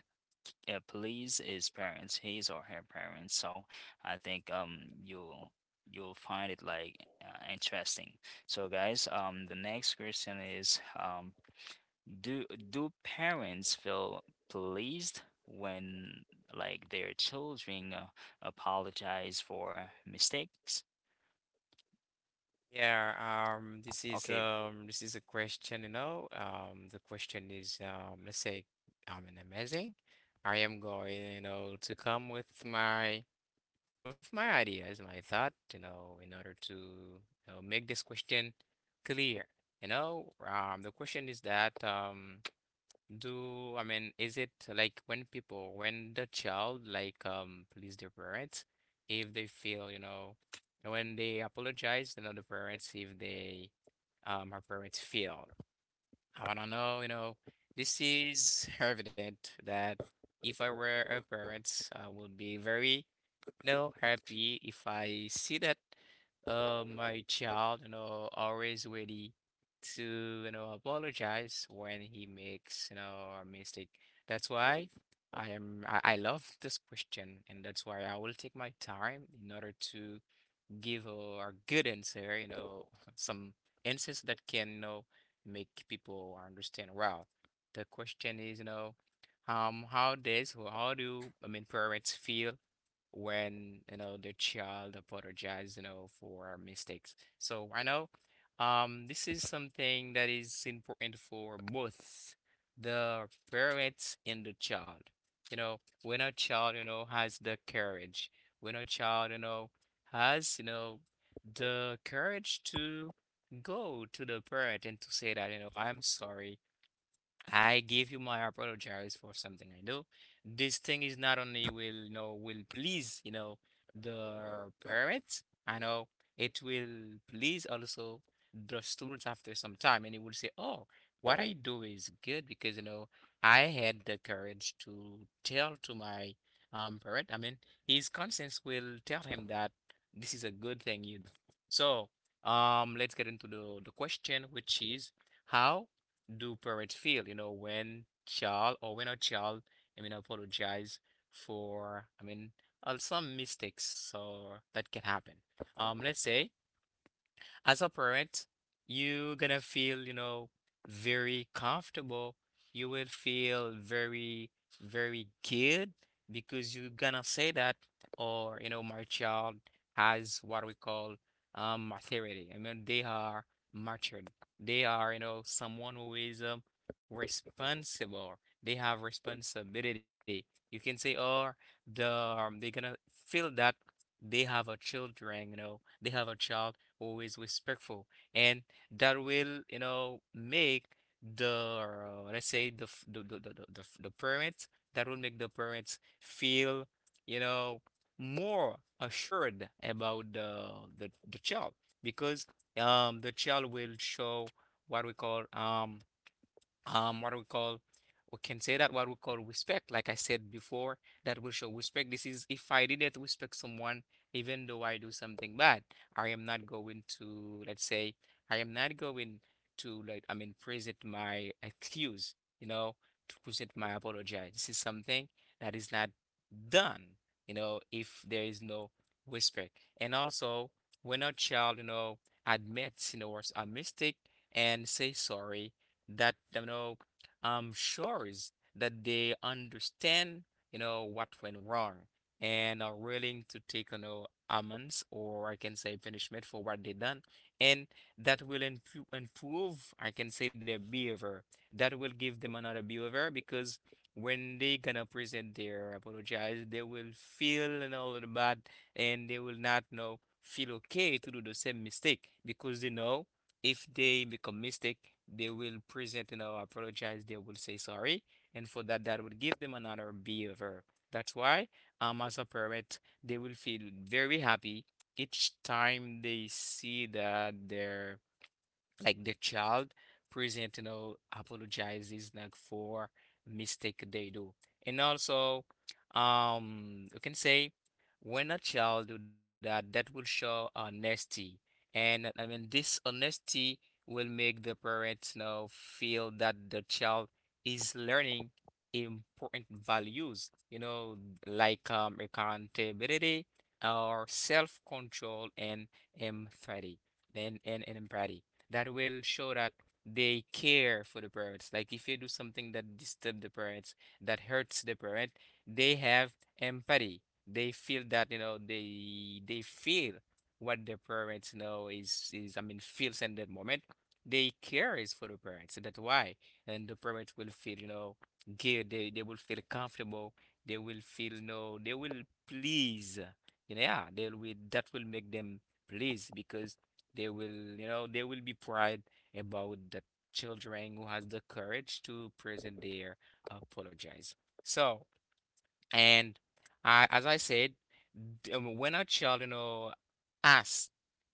S1: uh, please his parents, his or her parents. So I think um you'll you'll find it like uh, interesting. So guys, um the next question is: um do do parents feel pleased when, like, their children uh, apologize for mistakes?
S3: Yeah, um, this is
S1: Okay,
S3: um, this is a question, you know. Um, the question is, um, let's say I'm an amazing. I am going, you know, to come with my, with my ideas, my thought, you know, in order to, you know, make this question clear. You know, um, the question is that um, do, I mean, is it like when people, when the child like um please their parents, if they feel, you know, when they apologize, you know, the parents, if they um our parents feel, I wanna know, you know, this is evident that if I were a parent, I would be very, know, happy if I see that uh, my child, you know, always ready to, you know, apologize when he makes, you know, a mistake. That's why I am, I, I love this question, and that's why I will take my time in order to give a, a good answer, you know, some answers that can, you know, make people understand well. The question is, you know, um, how does, or how do, I mean, parents feel when, you know, the child apologize, you know, for mistakes. So I know um this is something that is important for both the parents and the child. You know, when a child, you know, has the courage, when a child you know has you know the courage to go to the parent and to say that, you know, I'm sorry, I give you my apologize for something I do. This thing is not only will, you know, will please, you know, the parents. I know it will please also the students after some time, and it will say, "Oh, what I do is good because, you know, I had the courage to tell to my um parent." I mean, his conscience will tell him that this is a good thing you do. So, um, let's get into the the question, which is how do parents feel, you know, when child, or when a child, I mean, apologize for, I mean, uh, some mistakes so that can happen. Um, let's say as a parent, you gonna feel, you know, very comfortable. You will feel very, very good because you gonna say that, or, you know, my child has what we call um maturity. I mean, they are matured. They are, you know, someone who is um responsible. They have responsibility. You can say, oh, the um, they're gonna feel that they have a children, you know, they have a child always respectful, and that will, you know, make the uh, let's say the f- the the the the, the f- the parents that will make the parents feel, you know, more assured about the the the child because um the child will show what we call um um what we call we can say that what we call respect like I said before. That will show respect. This is if I didn't respect someone, even though I do something bad, I am not going to, let's say, I am not going to, like I mean, present my excuse, you know to present my apology. This is something that is not done, you know, if there is no respect. And also, when a child, you know, admits, you know, was a mistake and say sorry, that, you know, um shows that they understand, you know, what went wrong, and are willing to take, you know, amends, or I can say punishment for what they done. And that will improve, improve, I can say, their behavior. That will give them another behavior because when they gonna present their apologize, they will feel, you know, a little bad, and they will not, you know, feel okay to do the same mistake because they know if they become mistake, they will present, you know, apologize, they will say sorry, and for that, that would give them another behavior. That's why, um, as a parent, they will feel very happy each time they see that their, like, the child present, you know, apologizes, like, for mistake they do. And also, um you can say, when a child do that, that will show honesty. And I mean, this honesty will make the parents, you know, feel that the child is learning important values, you know, like um accountability or self-control and empathy. And, and, and empathy, that will show that they care for the parents. Like, if you do something that disturb the parents, that hurts the parent, they have empathy. They feel that, you know, they they feel what their parents know is is I mean, feels in that moment. They care is for the parents. And that's why. And the parents will feel, you know, good. They they will feel comfortable. They will feel, you know, they will please. You know. Yeah, they will, that will make them please because they will, you know, they will be proud about the children who has the courage to present their apologize. So, and I, as I said, d- um, when a child, you know, asks,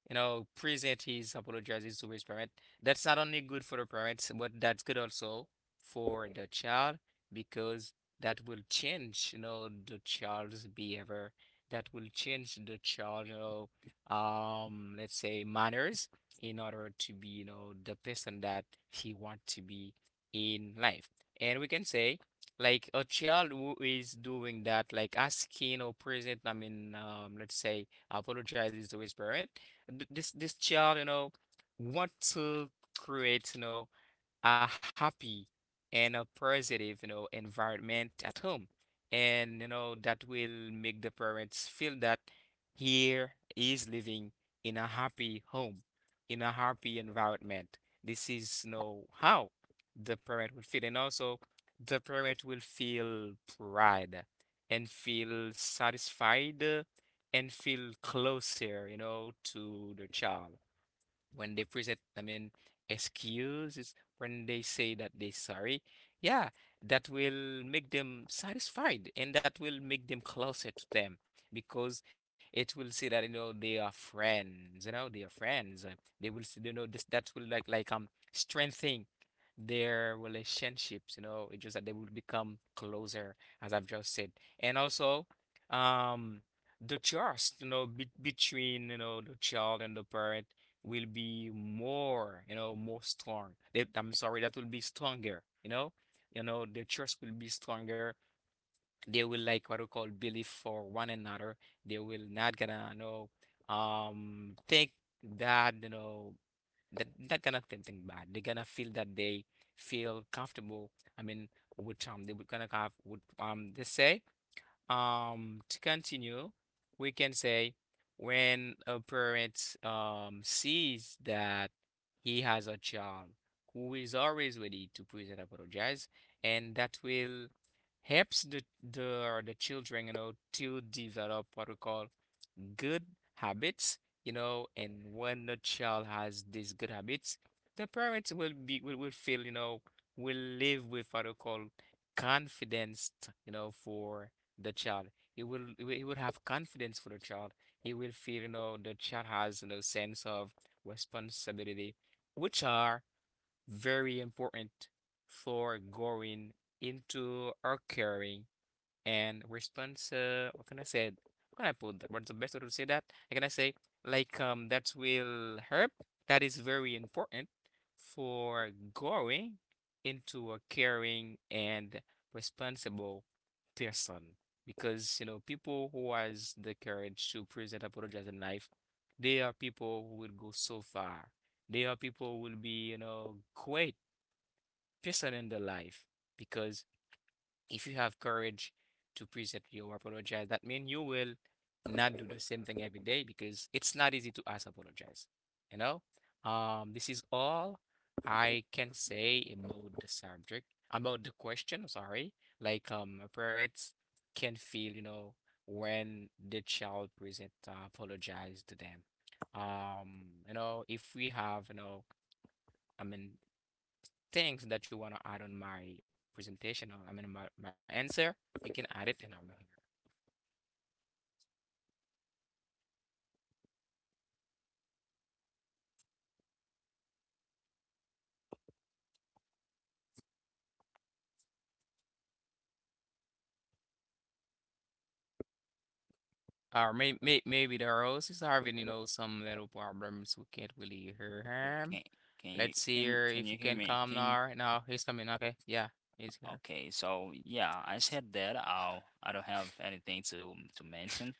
S3: you know, present his apologizes to his parent, that's not only good for the parents, but that's good also for the child because that will change, you know, the child's behavior. That will change the child, you know, um, let's say, manners, in order to be, you know, the person that he want to be in life. And we can say, like, a child who is doing that, like, asking or present, I mean, um, let's say, apologizes to his parent. th- This this child, you know, want to create, you know, a happy and a positive, you know, environment at home. And, you know, that will make the parents feel that here is living in a happy home, in a happy environment. This is, you know, how the parent will feel. And also, the parent will feel pride and feel satisfied uh, and feel closer, you know, to the child when they present, I mean, excuses, when they say that they're sorry, yeah, that will make them satisfied and that will make them closer to them because it will say that, you know, they are friends, you know, they are friends. uh, They will, s- you know, this, that will, like, like, um, strengthen their relationships, you know, it's just that they will become closer, as I've just said. And also, um, the trust, you know, be between, you know, the child and the parent will be more, you know, more strong. They, I'm sorry, that will be stronger, you know? You know, the trust will be stronger. They will, like, what we call belief for one another. They will not gonna, you know, um, think that, you know, that not gonna think, think bad. They're gonna feel that they feel comfortable. I mean, with um, they will gonna have with um, they say, um, to continue, we can say, when a parent um sees that he has a child who is always ready to please and apologize, and that will helps the the the children, you know, to develop what we call good habits, you know, and when the child has these good habits, the parents will be will, will feel, you know, will live with what we call confidence, you know, for the child. He will he will he will have confidence for the child. He will feel, you know, the child has, you know, sense of responsibility, which are very important for going into our caring and response uh, what can I say? What can I put that? What's the best way to say that? How can I say, like, um that will help, that is very important for growing into a caring and responsible person because, you know, people who has the courage to present apologize in life, they are people who will go so far. They are people who will be, you know, great person in their life because if you have courage to presently your apologize, that means you will not do the same thing every day because it's not easy to ask apologize. You know, um, this is all I can say about the subject, about the question. Sorry, like, um, parents can feel, you know, when the child present uh, apologize to them. Um, you know, if we have, you know, I mean, things that you want to add on my presentation, or I mean my, my answer, you can add it in over here. Or may, may, maybe the rose is having, you know, some little problems. We can't really hear him.
S1: can can you
S3: Let's see
S1: can
S3: here
S1: can
S3: if
S1: you
S3: he
S1: hear
S3: can
S1: me?
S3: come
S1: Can you?
S3: now. No, he's coming. Okay, yeah, he's here.
S1: Okay, so yeah, I said that I'll I don't have anything to to mention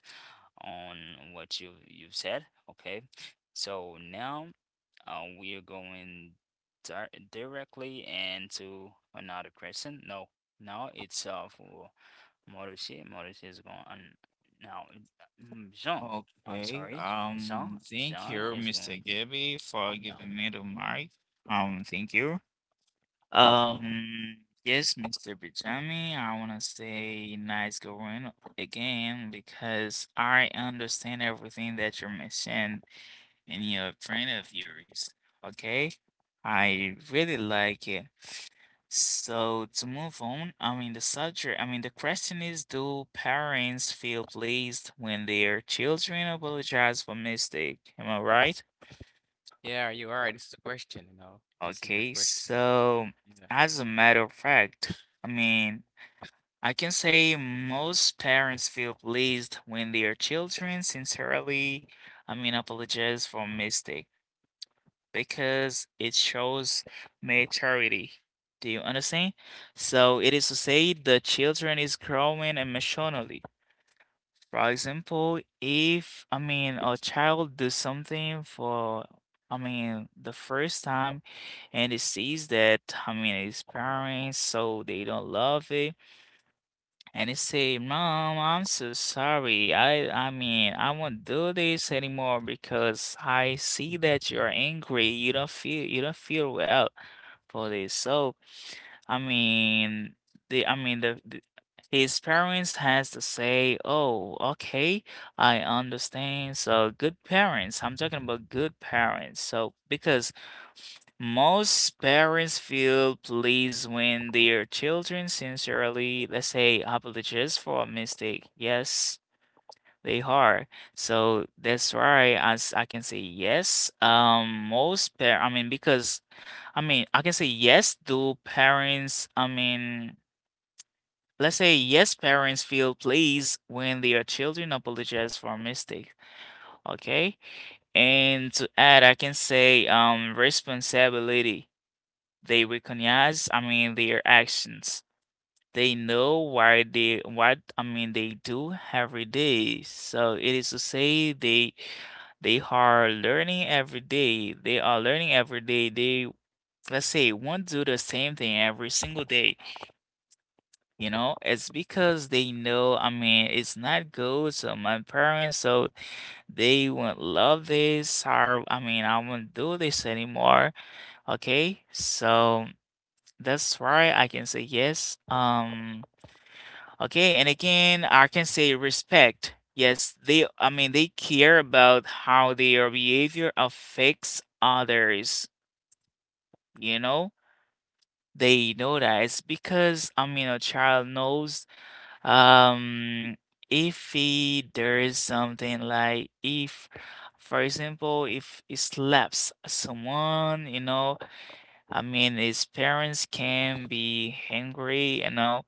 S1: on what you you've said. Okay, so now uh, we are going dir directly into another question. No, now it's uh for Maurice. Maurice is going on now. it- mm, Jean, I'm
S2: Okay,
S1: sorry,
S2: um,
S1: Jean.
S2: thank
S1: Jean
S2: you,
S1: is
S2: mister
S1: going.
S2: Gabby, for
S1: Yeah.
S2: giving me the mic. Um, thank you. Um, yes, mister Bijami, I want to say nice going again because I understand everything that you mentioned in your train of yours. Okay, I really like it. So to move on, I mean the subject, I mean the question is, do parents feel pleased when their children apologize for mistake? Am I right?
S3: Yeah, are you all right? This is a question, you know. This is a
S2: Okay,
S3: question.
S2: so
S3: Yeah.
S2: as a matter of fact, I mean. I can say most parents feel pleased when their children sincerely, I mean, apologize for mistake because it shows maturity. Do you understand? So it is to say the children is growing emotionally. For example, if I mean a child does something for I mean the first time and it sees that, I mean his parents, so they don't love it, and he say, Mom, I'm so sorry. I I mean, I won't do this anymore because I see that you're angry. You don't feel you don't feel well for this. So, I mean, the, I mean the, the, his parents has to say, "Oh, okay, I understand." So, good parents. I'm talking about good parents. So, because most parents feel pleased when their children sincerely, let's say, apologize for a mistake. Yes, they are. So that's why as I can say yes. Um, most par I mean, Because I mean, I can say yes. Do parents? I mean, let's say yes. Parents feel pleased when their children apologize for a mistake. Okay, and to add, I can say um responsibility. They recognize, I mean, their actions. They know why they what I mean they do every day. So it is to say they they are learning every day. They are learning every day. They, let's say, won't do the same thing every single day. You know, it's because they know, I mean, it's not good. So my parents, so they won't love this, or I mean I won't do this anymore. Okay? So that's right, I can say yes. Um, okay, and again, I can say respect. Yes, they, I mean, they care about how their behavior affects others, you know? They know that it's because, I mean, a child knows, um, if he, there is something like if, for example, if he slaps someone, you know, I mean, his parents can be angry, you know.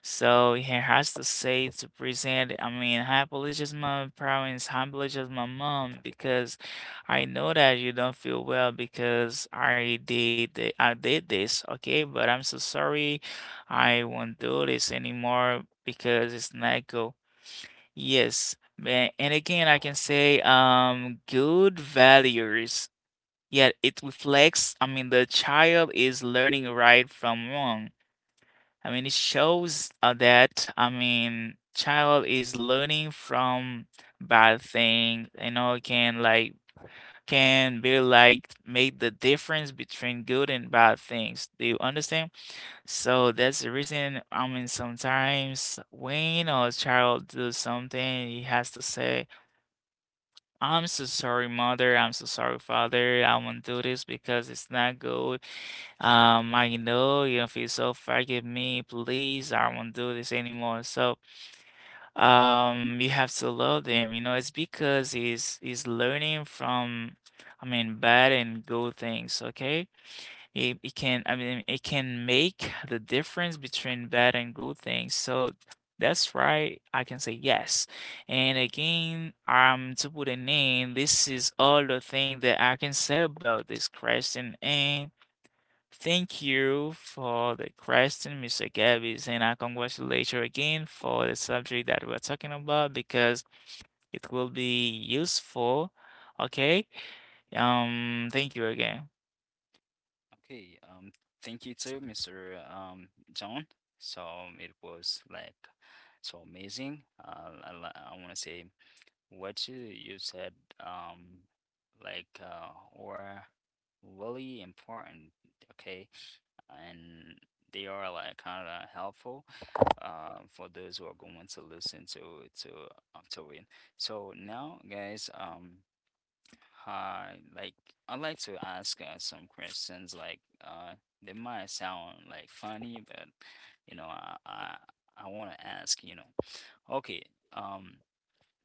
S2: So he has to say, to present, I mean, I apologize, my parents, I apologize, my mom, because I know that you don't feel well because I did thi- I did this, okay? But I'm so sorry. I won't do this anymore because it's not go. Yes, man. And again, I can say, um, good values. Yet it reflects, I mean, the child is learning right from wrong. I mean, it shows uh, that, I mean, child is learning from bad thing, you know, can like can be like, make the difference between good and bad things. Do you understand? So that's the reason, I mean, sometimes when a child does something, he has to say, I'm so sorry, mother. I'm so sorry, father. I won't do this because it's not good. Um, I know you don't feel, so forgive me, please. I won't do this anymore. So, um, you have to love them. You know, it's because he's he's learning from, I mean, bad and good things. Okay, it, it can. I mean, it can make the difference between bad and good things. So, that's right, I can say yes. And again, um, to put a name, this is all the thing that I can say about this question. And thank you for the question, mister Gabby, and I congratulate you again for the subject that we're talking about because it will be useful. Okay. Um, thank you again.
S1: Okay, um, thank you too, mister Um, John. So it was like so amazing. Uh, I, li- I want to say what you you said, um, like uh, were really important. Okay, and they are like kind of helpful, uh, for those who are going to listen to to uh, to it. So now, guys, um. Hi, like I'd like to ask uh, some questions. Like uh, they might sound like funny, but you know, I I, I want to ask. You know, okay. Um,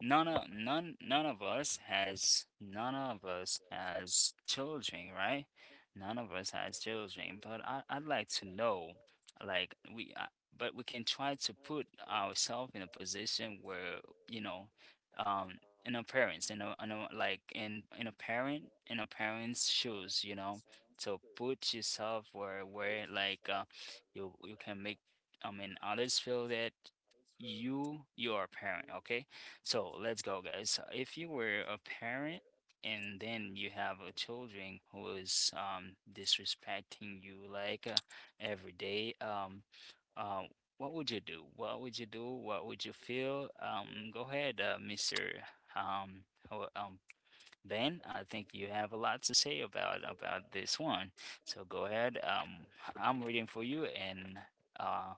S1: none of none none of us has None of us has children, right? None of us has children, but I, I'd like to know, like we, uh, but we can try to put ourselves in a position where you know, um, in a parents, in a, in a like in in a parent, in a parent's shoes, you know. So put yourself where where like uh, you you can make, I mean, others feel that you you are a parent, okay? So let's go, guys. So, if you were a parent and then you have a children who is um, disrespecting you, like uh, every day, um, uh, what would you do? What would you do? What would you feel? Um, go ahead, uh, Mr. Um, ho- um, Ben. I think you have a lot to say about about this one. So go ahead. Um, I'm reading for you, and uh,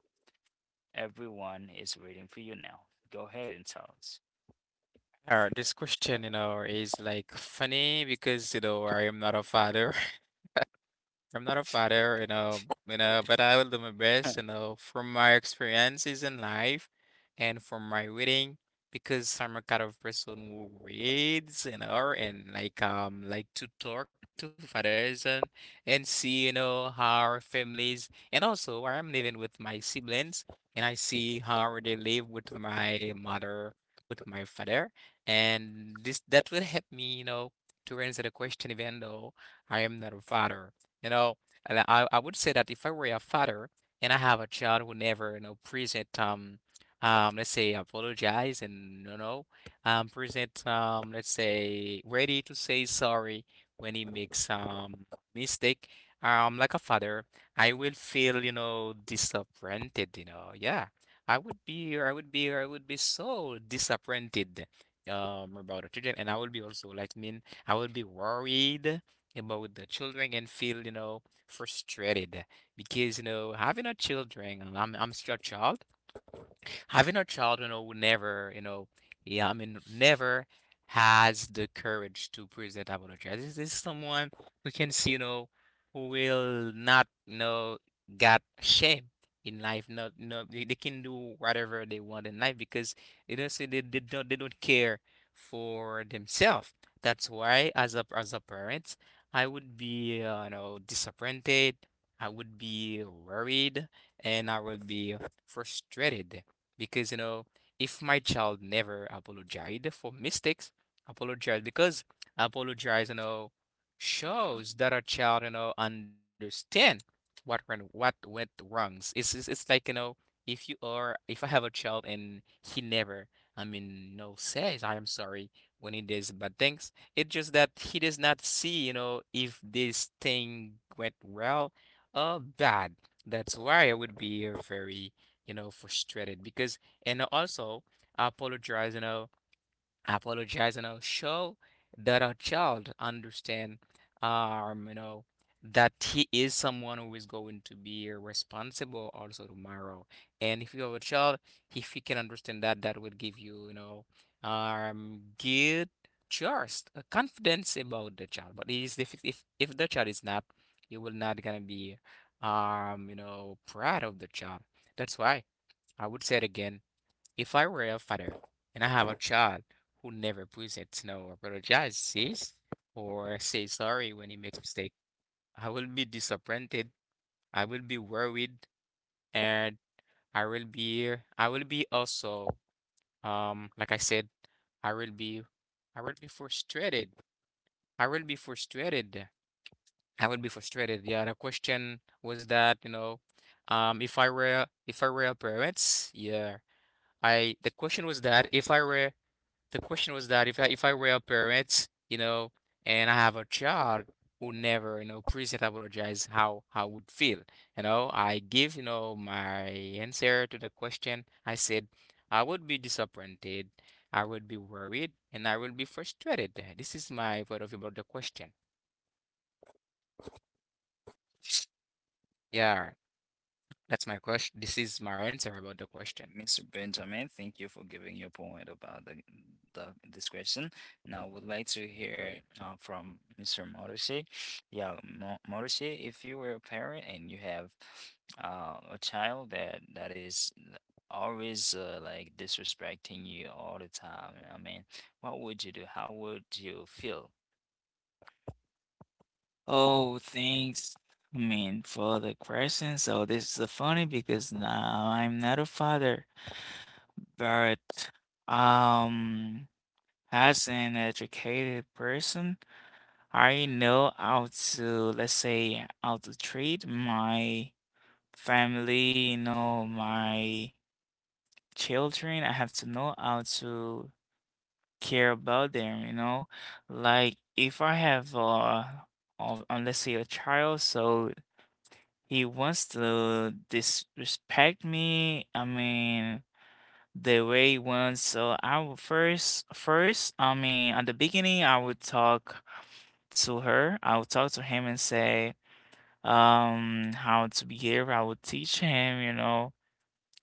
S1: everyone is reading for you now. Go ahead and tell us.
S3: All right, this question, you know, is like funny because, you know, I am not a father. I'm not a father, you know, you know, but I will do my best, you know, from my experiences in life and from my reading, because I'm a kind of person who reads, you know, and like um like to talk to fathers and and see, you know, how our families, and also where I'm living with my siblings, and I see how they live with my mother, with my father, and this that will help me, you know, to answer the question, even though I am not a father, you know. And I, I would say that if I were a father and I have a child who never, you know, present, um, um, let's say, apologize, and, you know, um, present, um, let's say, ready to say sorry when he makes um mistake, um, like a father, I will feel, you know, disappointed, you know, yeah. I would be, I would be, I would be so disappointed, um, about the children, and I would be also like, mean, I would be worried about the children and feel, you know, frustrated because, you know, having a children, and I'm I'm still a child, having a child, you know, will never, you know, yeah, I mean, never has the courage to present apologize, this is someone we can see, you know, who will not, you know, got shame in life. Not no, they, they can do whatever they want in life because they don't say, they, they don't they don't care for themselves. That's why, as a as a parent, I would be, uh, you know, disappointed. I would be worried, and I would be frustrated because, you know, if my child never apologized for mistakes, apologize because apologize, you know, shows that a child, you know, understand what went what went wrongs. It's, it's it's like, you know, if you are, if I have a child and he never, I mean, no says I am sorry when he does bad things. It's just that he does not see, you know, if this thing went well or bad. That's why I would be, uh, very, you know, frustrated because, and also, I apologize, you know, apologize, and I'll show that our child understand, um you know, that he is someone who is going to be responsible also tomorrow. And if you have a child, if you can understand that, that will give you, you know, um good trust, uh, confidence about the child. But it is, if if if the child is not, you will not gonna be, um you know, proud of the child. That's why I would say it again, if I were a father and I have a child who never presents no apologizes or say sorry when he makes mistake, I will be disappointed. I will be worried, and I will be I will be also, um like I said, I will be I will be frustrated. I will be frustrated. I will be frustrated. Yeah, the question was that, you know, um if I were, if I were a parents, yeah. I, the question was that if I were, the question was that if I if I were a parent, you know, and I have a child who never, you know, present apologize, how how I would feel. You know, I give, you know, my answer to the question. I said I would be disappointed, I would be worried, and I would be frustrated. This is my point of view about the question. Yeah. That's my question. This is my answer about the question.
S1: mister Benjamin, thank you for giving your point about the, the this question. Now, would like to hear uh, from mister Morishi. Yeah, Mo- Morishi, if you were a parent and you have uh, a child that that is always uh, like disrespecting you all the time, I mean, what would you do? How would you feel?
S2: Oh, thanks, I mean, for the question. So this is funny because now I'm not a father, but um, as an educated person, I know how to, let's say, how to treat my family, you know, my children. I have to know how to care about them, you know. Like if I have uh of uh, let's say a child, so he wants to disrespect me, I mean the way he wants, so I will first first, I mean at the beginning I would talk to her, I would talk to him and say um how to behave, I would teach him, you know,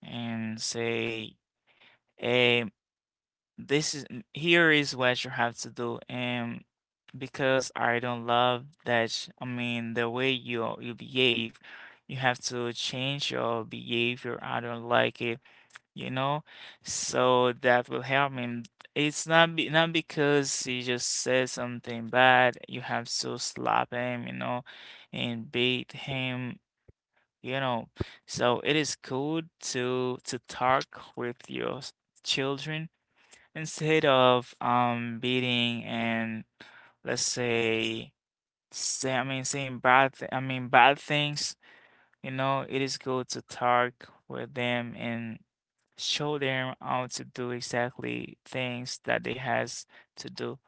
S2: and say, Um, this is here is what you have to do, and because I don't love that, sh- I mean, the way you you behave, you have to change your behavior. I don't like it, you know, so that will help me. It's not be, not because he just said something bad. You have to slap him, you know, and beat him, you know. So it is good to to talk with your s- children. Instead of um beating and let's say say I mean saying bad th I mean bad things, you know, it is good to talk with them and show them how to do exactly things that they has to do.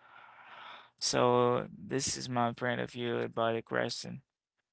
S2: So this is my point of view about the question.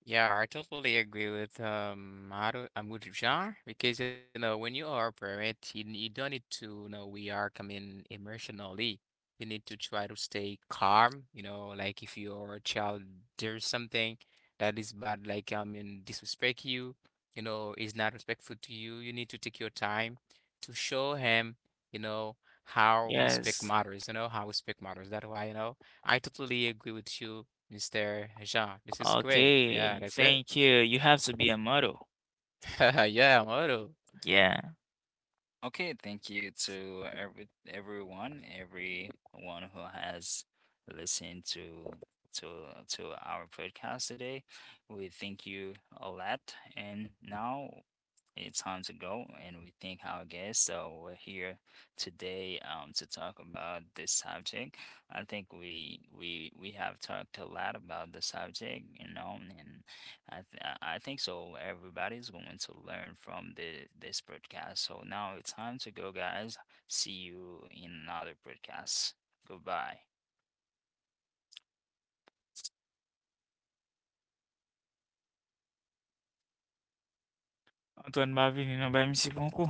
S3: Yeah, I totally agree with um Haru, um, with Jean because, you know, when you are a parent, you, you don't need to, you know, we are coming emotionally. You need to try to stay calm. You know, like if your child does something that is bad, like I mean, disrespect you, you know, is not respectful to you. You need to take your time to show him, you know, how respect
S2: Yes.
S3: matters. You know how respect matters. That's why, you know, I totally agree with you, mister Jean. This is great. Yeah,
S2: Okay.
S3: that's good.
S2: Thank you. You have to be a model.
S3: Yeah, model.
S2: Yeah.
S1: Okay, thank you to every everyone, everyone who has listened to to to our podcast today. We thank you a lot, and now it's time to go. And we thank our guests. So we're here today um to talk about this subject. I think we we we have talked a lot about the subject, you know, and I th- I think so. Everybody's going to learn from the this podcast. So now it's time to go, guys. See you in another podcast. Goodbye.
S2: Antoine Marvin, you know, by Monsieur Goncourt.